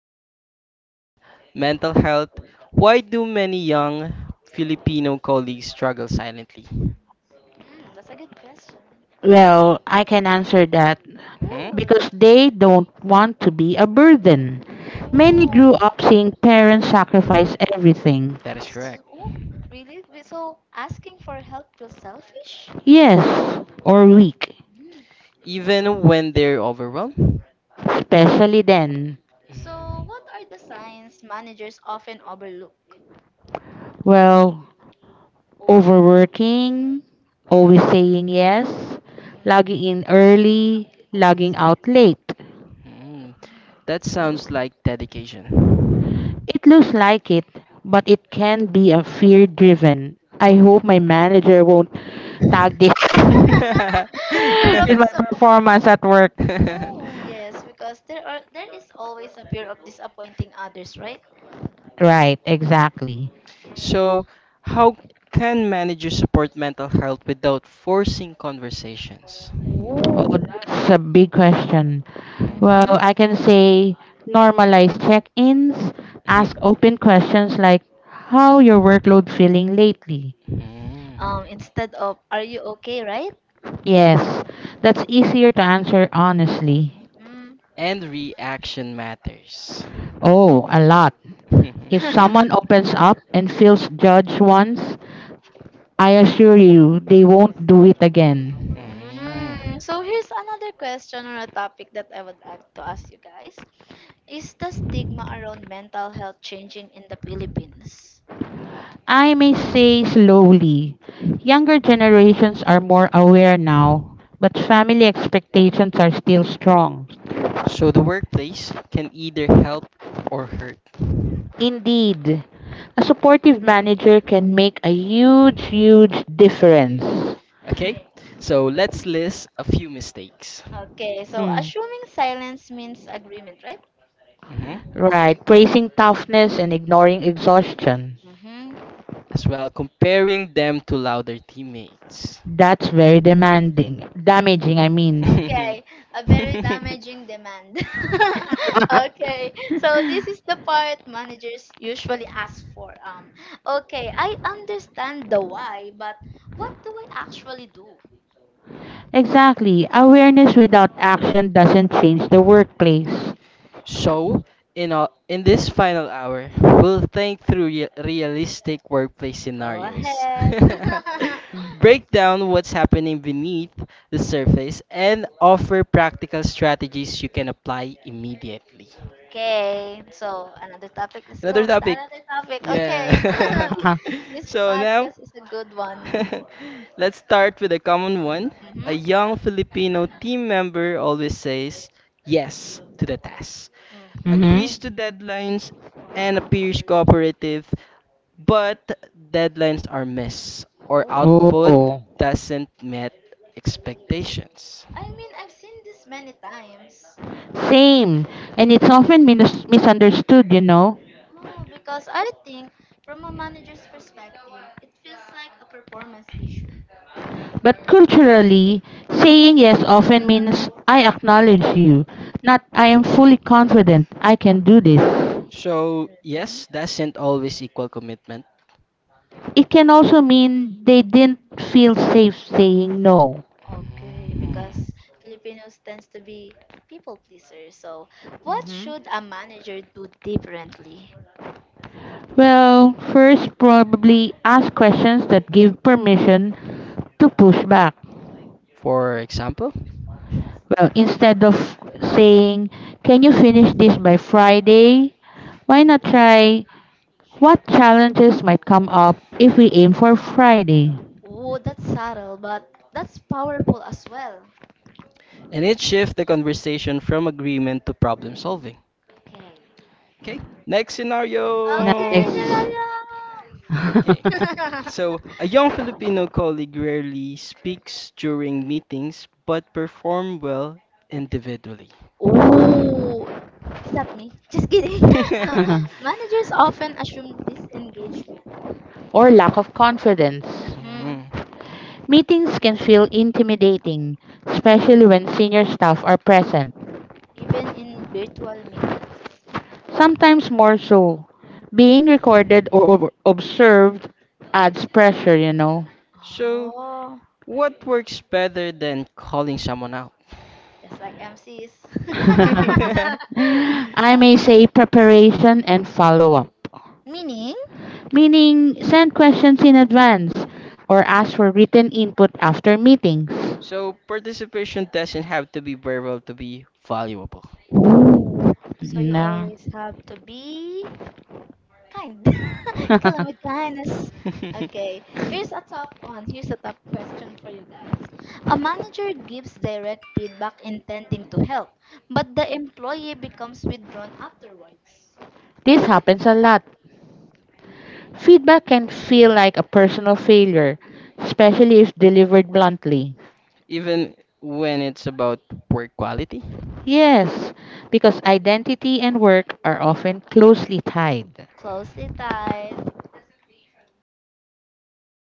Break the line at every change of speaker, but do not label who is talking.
shift gears. Mental health. Why do many young Filipino colleagues struggle silently?
that's a good question.
Well, I can answer that
Hmm?
Ooh,
because they don't want to be a burden. Many
ooh,
grew up seeing parents sacrifice everything.
That is correct.
ooh, really? So asking for help feels selfish?
Yes, or weak,
Mm.
Even when they're overwhelmed?
especially then.
So what are the signs managers often overlook?
Well, overworking, always saying yes,
Mhm.
logging in early,
People
logging
please.
out late.
Mhm.
Mm.
That sounds like dedication.
It looks like it, but it can be a fear driven. I hope my manager won't tag this
Fear of
with my
disappointment.
performance at work.
Oh yes, because there is always a fear of disappointing others, right?
Right, exactly.
Okay.
So, how can managers support mental health without forcing conversations?
Oh,
Ooh.
that's a big question.
Mhm.
Well,
Mm-hmm.
I can say normalize check-ins, ask
Mhm.
open questions like how your workload feeling lately.
Mm.
Instead of are you okay, right?
Yes, that's easier to answer honestly.
Mm.
And reaction matters.
Oh, a lot. If someone opens up and feels judged once, I assure you, they won't do it again.
Mm.
Mm. So here's another question or a topic that I would like to ask you guys. Is the stigma around mental health changing in the Philippines?
I may say slowly, younger generations are more aware now, but family expectations are still strong.
So the workplace can either help or hurt.
Indeed, a supportive manager can make a huge, huge difference.
Okay?
Okay.
So let's list a few mistakes.
Okay, so
Hmm.
assuming silence means agreement, right?
Mhm.
Right, praising toughness and ignoring exhaustion.
Mm-hmm.
As well, comparing them to louder teammates.
That's very demanding, damaging, I mean.
Okay, a very damaging demand. Okay, so this is the part managers usually ask for. Okay, I understand the why, but what do I actually do?
Exactly. Awareness without action doesn't change the workplace.
So, in this final hour, we'll think through realistic workplace
Go
scenarios,
ahead.
Mm.
break down what's happening beneath the surface, and offer practical strategies you can apply immediately.
Okay, so another topic. Let's go
Another
to the
topic.
another topic. Okay,
Yeah.
Uh-huh.
this
So now,
podcast is a good one.
let's start with a common one.
Mm-hmm.
A young Filipino team member always says yes to the task,
Mm-hmm.
Mm-hmm.
agrees to deadlines and appears cooperative, but deadlines are missed or output
Oh,
Oh.
doesn't met expectations.
I mean, I've seen this many times.
Same. And it's often minus misunderstood.
No, because I think from a manager's perspective, it feels like a performance issue.
But culturally, saying yes often means I acknowledge you, not I am fully confident I can do this.
So, yes,
Mm-hmm.
doesn't always equal commitment.
It can also mean they didn't feel safe saying no.
Okay,
Mm.
because Filipinos tends to be people pleasers. So, what
hmm
should a manager do differently?
Well, first, probably ask questions that give permission to push back.
For example,
Well, instead of saying, can you finish this by Friday? Why not try what challenges might come up if we aim for Friday?
Oh, that's subtle, but that's powerful as well.
and it shifts the conversation from agreement to problem solving.
Okay.
Okay, next scenario.
Okay,
Nice.
Nazareno.
Okay. So, a young Filipino colleague rarely speaks during meetings but perform well individually.
Oh, is that me? Just kidding. Uh, Managers often assume disengagement.
Or lack of confidence.
Mhm.
Mm.
Meetings can feel intimidating, especially when senior staff are present,
Even in virtual meetings.
sometimes more so. Being recorded or observed adds pressure.
So
So,
oh,
what works better than calling someone out?
just like MCs. I
I
Yeah.
may say preparation and follow up,
Meaning?
meaning send questions in advance or ask for written input after meetings.
So, participation doesn't have to be verbal to be valuable,
So you
No.
always have to be. Kind. Calamitanes. Okay, here's a top one. Here's a top question for you guys. A manager gives direct feedback intending to help, but the employee becomes withdrawn afterwards.
This happens a lot. Feedback can feel like a personal failure, especially if delivered bluntly.
even when it's about work quality.
Yes, because identity and work are often closely tied.
Closely tied.